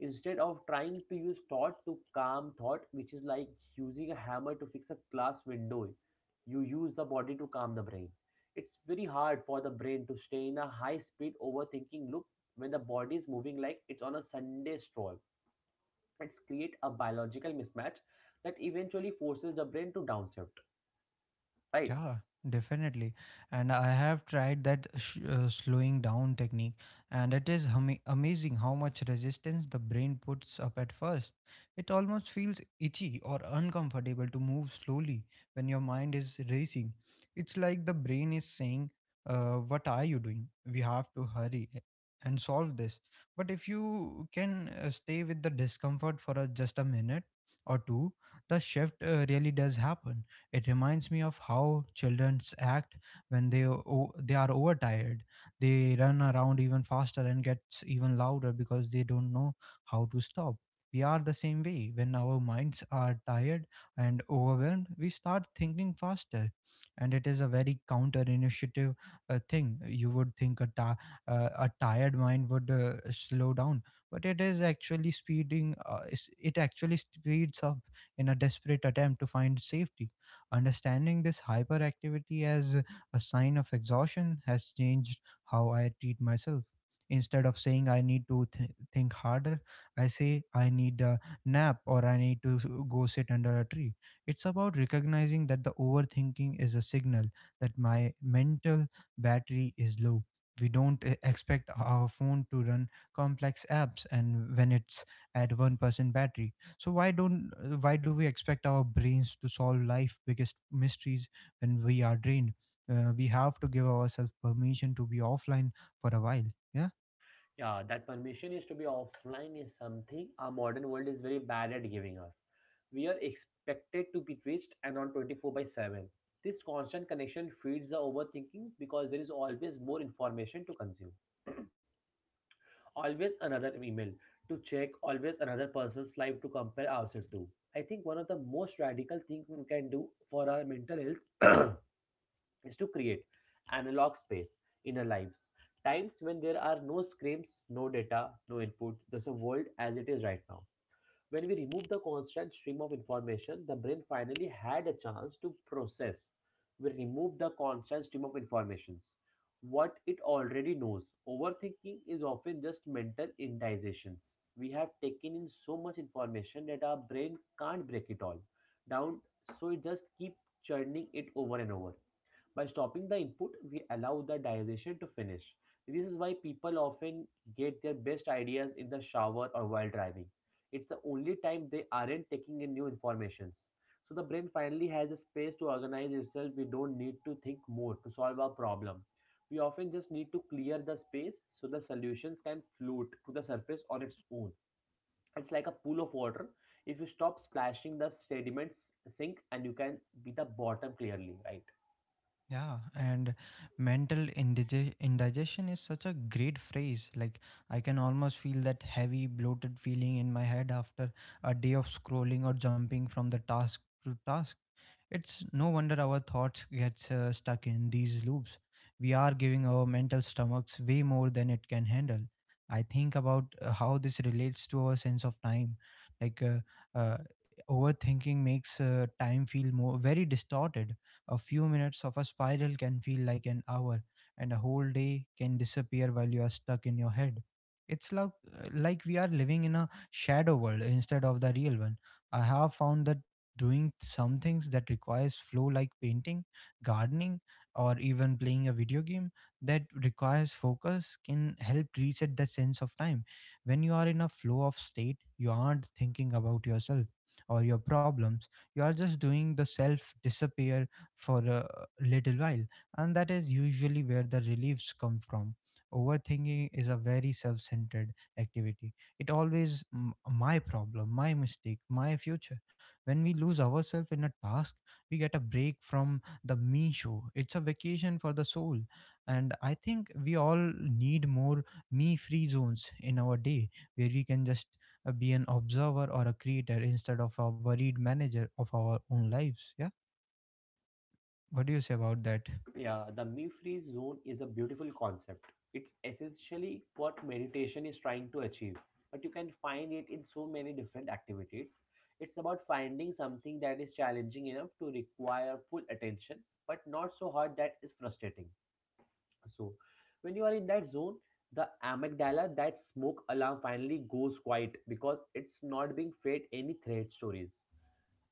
Speaker 2: instead of trying to use thought to calm thought, which is like using a hammer to fix a glass window. You use the body to calm the brain. It's very hard for the brain to stay in a high speed overthinking loop when the body is moving like it's on a Sunday stroll. It's create a biological mismatch that eventually forces the brain to downshift, right?
Speaker 1: Yeah, definitely. And I have tried that slowing down technique, and it is amazing how much resistance the brain puts up at first. It almost feels itchy or uncomfortable to move slowly when your mind is racing. It's like the brain is saying, what are you doing? We have to and solve this. But if you can stay with the discomfort for just a minute or two, the shift really does happen. It reminds me of how childrens act when they are overtired. They run around even faster and gets even louder because they don't know how to stop. We are the same way. When our minds are tired and overwhelmed, we start thinking faster, and it is a very counter initiative thing. You would think a tired mind would slow down, but it is actually speeding. It actually speeds up in a desperate attempt to find safety. Understanding this hyperactivity as a sign of exhaustion has changed how I treat myself. Instead of saying I need to think harder, I say I need a nap or I need to go sit under a tree. It's about recognizing that the overthinking is a signal that my mental battery is low. We don't expect our phone to run complex apps and when it's at 1% battery, so why don't why do we expect our brains to solve life biggest mysteries when we are drained. We have to give ourselves permission to be offline for a while. Yeah.
Speaker 2: Yeah, that permission is to be offline is something our modern world is very bad at giving us. We are expected to be reached and on 24 by 7. This constant connection feeds the overthinking because there is always more information to consume. Always another email to check, always another person's life to compare ourselves to. I think one of the most radical things we can do for our mental health (clears throat) is to create analog space in our lives. Times when there are no screens, no data, no input, just a world as it is right now. When we remove the constant stream of information, the brain finally had a chance to process. We remove the constant stream of informations. What it already knows. Overthinking is often just mental indigestions. We have taken in so much information that our brain can't break it all down, so it just keep churning it over and over. By stopping the input, we allow the digestion to finish. This is why people often get their best ideas in the shower or while driving. It's the only time they aren't taking in new informations. So the brain finally has a space to organize itself. We don't need to think more to solve our problem. We often just need to clear the space so the solutions can float to the surface on its own. It's like a pool of water. If you stop splashing the sediments sink and you can be the bottom clearly, right?
Speaker 1: Yeah. And mental indigestion is such a great phrase. Like I can almost feel that heavy bloated feeling in my head after a day of scrolling or jumping from the task to task. It's no wonder our thoughts gets stuck in these loops. We are giving our mental stomachs way more than it can handle. I think about how this relates to our sense of time. Like uh, uh, Overthinking makes time feel more very distorted. A few minutes of a spiral can feel like an hour, and a whole day can disappear while you are stuck in your head. It's like we are living in a shadow world instead of the real one. I have found that doing some things that requires flow, like painting, gardening, or even playing a video game that requires focus, can help reset that sense of time. When you are in a flow of state, you aren't thinking about yourself or your problems. You are just doing the self disappear for a little while, and that is usually where the reliefs come from. Overthinking is a very self-centered activity. It always my problem, my mistake, my future. When we lose ourselves in a task, we get a break from the me show. It's a vacation for the soul. And I think we all need more me free zones in our day where we can just be an observer or a creator instead of a worried manager of our own lives. Yeah. What do you say about that?
Speaker 2: Yeah, the me free zone is a beautiful concept. It's essentially what meditation is trying to achieve, but you can find it in so many different activities. It's about finding something that is challenging enough to require full attention, but not so hard that is frustrating. So, when you are in that zone, the amygdala, that smoke alarm, finally goes quiet because it's not being fed any threat stories.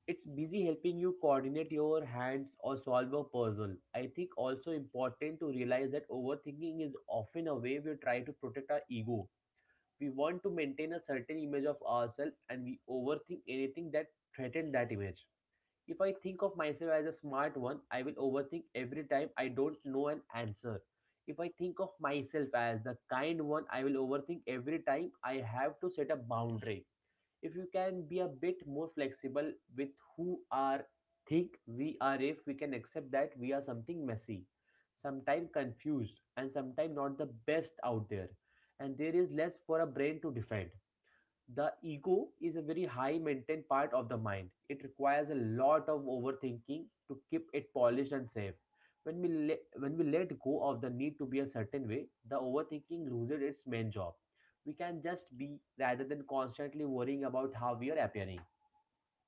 Speaker 2: It's busy helping you coordinate your hands or solve a puzzle. I think also important to realize that overthinking is often a way we try to protect our ego. We want to maintain a certain image of ourselves and we overthink anything that threatens that image. If I think of myself as a smart one, I will overthink every time I don't know an answer. If I think of myself as the kind one, I will overthink every time I have to set a boundary. If you can be a bit more flexible with who are think we are, if we can accept that we are something messy, sometimes confused and sometimes not the best out there, and there is less for a brain to defend. The ego is a very high maintained part of the mind. It requires a lot of overthinking to keep it polished and safe. When we let go of the need to be a certain way, the overthinking loses its main job. We can just be rather than constantly worrying about how we are appearing.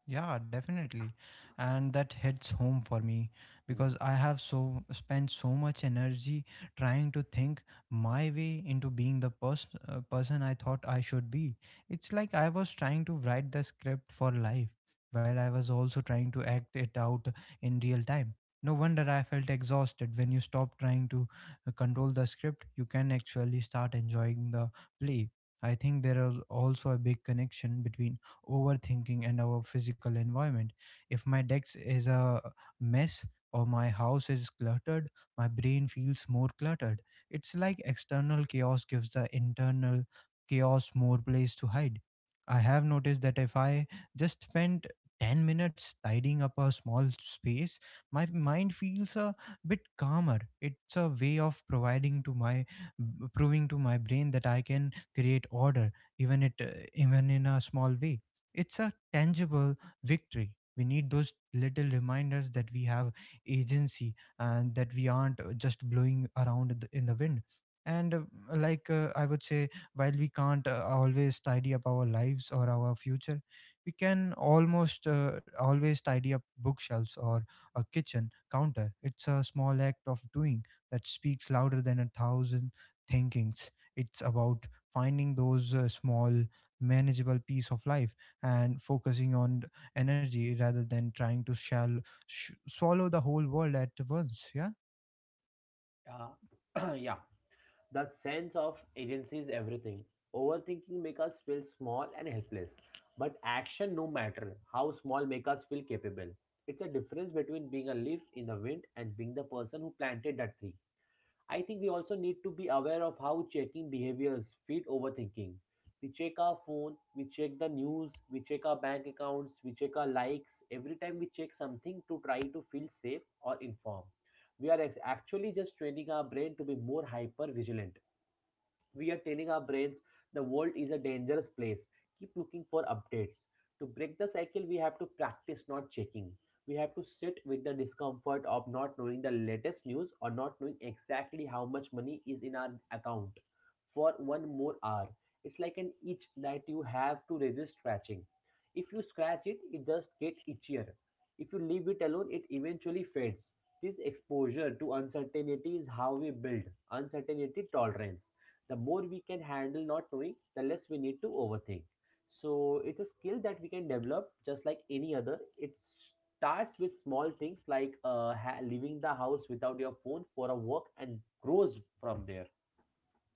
Speaker 1: Yeah, definitely. And that hits home for me
Speaker 2: Hmm.
Speaker 1: because I have so spent so much energy trying to think my way into being the person I thought I should be. It's like I was trying to write the script for life while I was also trying to act it out in real time. No wonder I felt exhausted. When you stop trying to control the script, you can actually start enjoying the play. I think there is also a big connection between overthinking and our physical environment. If my desk is a mess or my house is cluttered, my brain feels more cluttered. It's like external chaos gives the internal chaos more place to hide. I have noticed that if I just spend 10 minutes tidying up a small space, my mind feels a bit calmer. It's a way of providing to my b- proving to my brain that I can create order, even in a small way. It's a tangible victory. We need those little reminders that we have agency and that we aren't just blowing around in the wind. And like I would say, while we can't always tidy up our lives or our future, we can almost always tidy up bookshelves or a kitchen counter. It's a small act of doing that speaks louder than a thousand thinkings. It's about finding those small, manageable piece of life and focusing on energy rather than trying to swallow the whole world at once. Yeah.
Speaker 2: (clears throat) Yeah, that sense of agency is everything. Overthinking makes us feel small and helpless, but action, no matter how small, makes us feel capable. It's a difference between being a leaf in the wind and being the person who planted that tree. I think we also need to be aware of how checking behaviors feed overthinking. We check our phone, we check the news, we check our bank accounts, we check our likes. Every time we check something to try to feel safe or informed, we are actually just training our brain to be more hyper vigilant. We are telling our brains the world is a dangerous place, keep looking for updates. To break the cycle we have to practice not checking. We have to sit with the discomfort of not knowing the latest news or not knowing exactly how much money is in our account for one more hour. It's like an itch that you have to resist scratching. If you scratch it, it just gets itchier. If you leave it alone, it eventually fades. This exposure to uncertainty is how we build uncertainty tolerance. The more we can handle not knowing, the less we need to overthink. So it's a skill that we can develop just like any other. It starts with small things like leaving the house without your phone for a walk, and grows from there.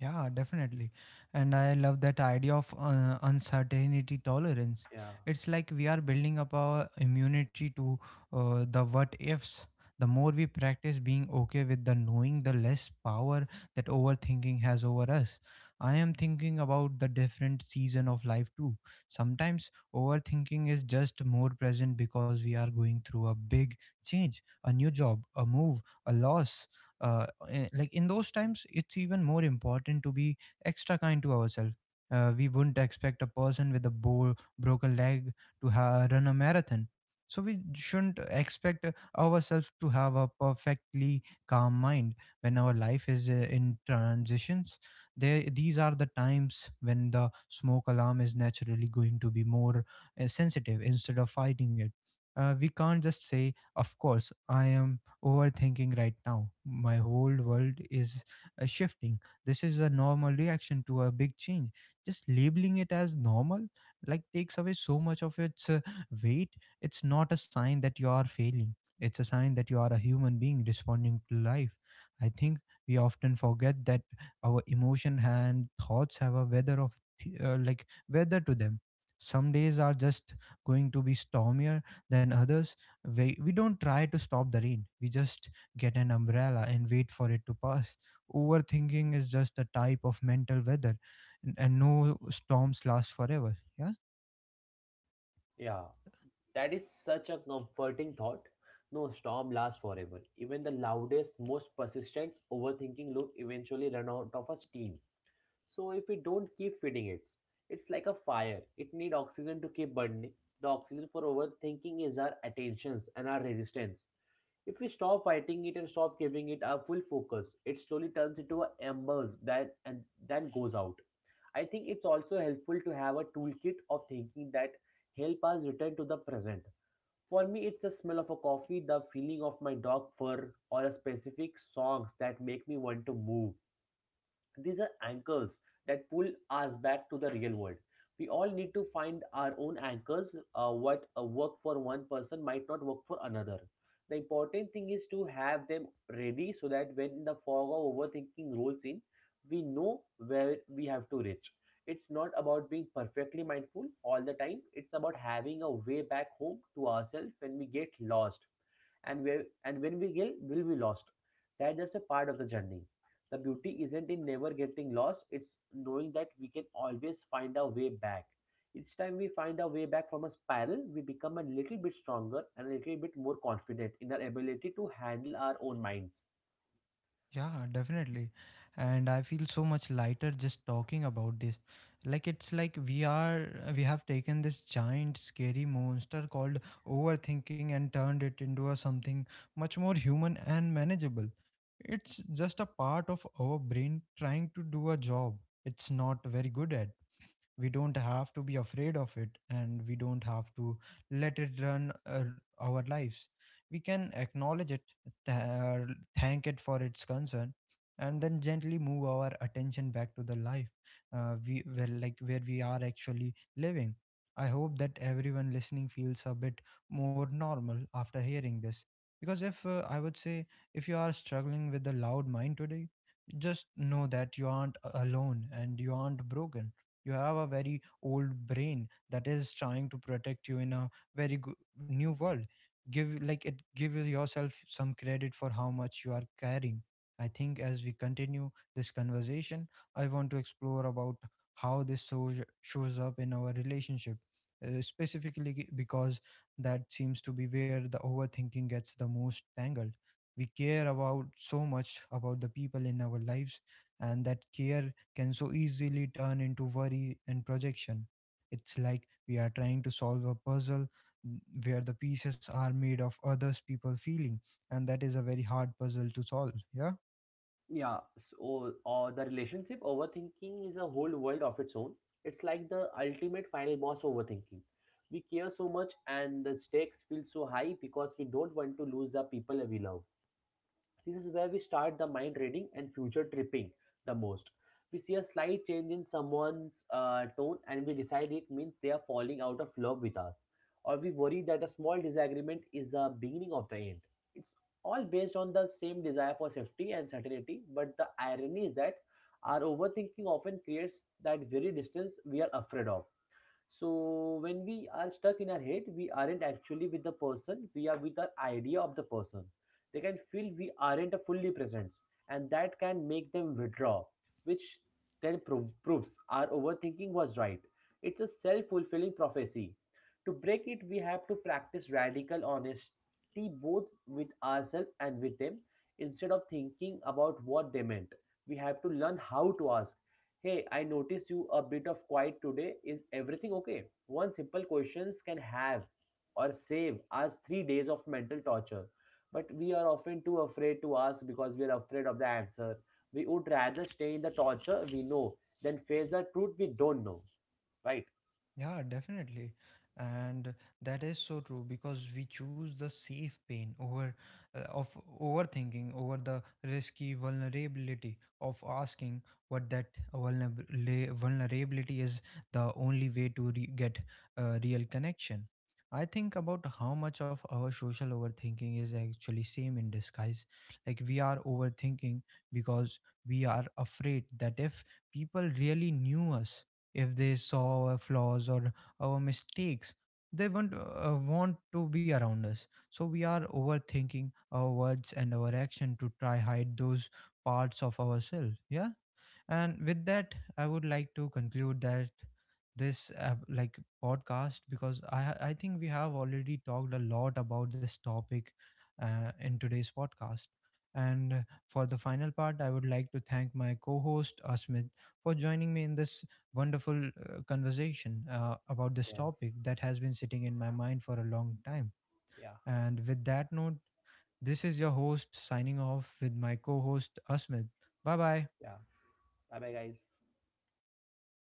Speaker 1: Yeah, definitely. And I love that idea of uncertainty tolerance.
Speaker 2: Yeah.
Speaker 1: It's like we are building up our immunity to the what ifs. The more we practice being okay with the knowing, the less power that overthinking has over us. I am thinking about the different season of life too. Sometimes overthinking is just more present because we are going through a big change, a new job, a move, a loss. Like in those times it's even more important to be extra kind to ourselves. We wouldn't expect a person with a broken leg to run a marathon, so we shouldn't expect ourselves to have a perfectly calm mind when our life is in transitions. There These are the times when the smoke alarm is naturally going to be more sensitive. Instead of fighting it, we can't just say, of course I am overthinking right now. My whole world is shifting. This is a normal reaction to a big change. Just labeling it as normal like takes away so much of its weight. It's not a sign that you are failing. It's a sign that you are a human being responding to life. I think we often forget that our emotion and thoughts have a weather of like weather to them. Some days are just going to be stormier than others. We don't try to stop the rain, we just get an umbrella and wait for it to pass. Overthinking is just a type of mental weather, and no storms last forever. Yeah.
Speaker 2: Yeah, that is such a comforting thought. No storm lasts forever. Even the loudest, most persistent overthinking loop eventually run out of a steam. So if we don't keep feeding it, it's like a fire. It need oxygen to keep burning. The oxygen for overthinking is our attentions and our resistance. If we stop fighting it and stop giving it our full focus, it slowly turns into a embers that and then goes out. I think it's also helpful to have a toolkit of thinking that help us return to the present. For me, it's the smell of a coffee, the feeling of my dog fur, or a specific songs that make me want to move. These are anchors that pull us back to the real world. We all need to find our own anchors. What work for one person might not work for another. The important thing is to have them ready, so that when the fog of overthinking rolls in, we know where we have to reach. It's not about being perfectly mindful all the time. It's about having a way back home to ourselves when we get lost. And where and when we get will be lost, that's just a part of the journey. The beauty isn't in never getting lost, it's knowing that we can always find our way back. Each time we find our way back from a spiral, we become a little bit stronger and a little bit more confident in our ability to handle our own minds.
Speaker 1: Yeah, definitely. And I feel so much lighter just talking about this. Like it's like we have taken this giant scary monster called overthinking and turned it into a something much more human and manageable. It's just a part of our brain trying to do a job it's not very good at. We don't have to be afraid of it, and we don't have to let it run our lives. We can acknowledge it, th- uh, thank it for its concern, and then gently move our attention back to the life we well, like where we are actually living. I hope that everyone listening feels a bit more normal after hearing this, because if I would say, if you are struggling with a loud mind today, just know that you aren't alone and you aren't broken. You have a very old brain that is trying to protect you in a very new world. Give like it Give yourself some credit for how much you are carrying. I think as we continue this conversation I want to explore about how shows up in our relationship, specifically because that seems to be where the overthinking gets the most tangled. We care about so much about the people in our lives, and that care can so easily turn into worry and projection. It's like we are trying to solve a puzzle, mm, where the pieces are made of others people feeling, and that is a very hard puzzle to solve. Yeah.
Speaker 2: Yeah. So or the relationship overthinking is a whole world of its own. It's like the ultimate final boss overthinking. We care so much and the stakes feel so high because we don't want to lose the people we love. This is where we start the mind reading and future tripping the most. We see a slight change in someone's tone and we decide it means they are falling out of love with us. Or we worry that a small disagreement is the beginning of the end. It's all based on the same desire for safety and certainty, but the irony is that our overthinking often creates that very distance we are afraid of. So when we are stuck in our head, we aren't actually with the person, we are with our idea of the person. They can feel we aren't a fully present, and that can make them withdraw, which then proves our overthinking was right. It's a self fulfilling prophecy. To break it, we have to practice radical honesty, both with ourselves and with them. Instead of thinking about what they meant, we have to learn how to ask, "Hey, I notice you a bit of quiet today. Is everything okay?" One simple questions can have or save us 3 days of mental torture. But we are often too afraid to ask because we are afraid of the answer. We would rather stay in the torture we know than face the truth we don't know. Right?
Speaker 1: Yeah, definitely. And that is so true because we choose the safe pain over of overthinking over the risky vulnerability of asking. What that vulnerab- la- Vulnerability is the only way to get a real connection. I think about how much of our social overthinking is actually same in disguise. Like we are overthinking because we are afraid that if people really knew us, if they saw our flaws or our mistakes, they won't want to be around us. So we are overthinking our words and our action to try hide those parts of ourselves. Yeah. And with that I would like to conclude that this like podcast, because I think we have already talked a lot about this topic in today's podcast. And for the final part I would like to thank my co-host Asmit for joining me in this wonderful conversation about this
Speaker 2: Yes.
Speaker 1: topic that has been sitting in my mind for a long time.
Speaker 2: Yeah.
Speaker 1: And with that note, this is your host signing off with my co host Asmit. Bye bye.
Speaker 2: Yeah. Bye bye, guys.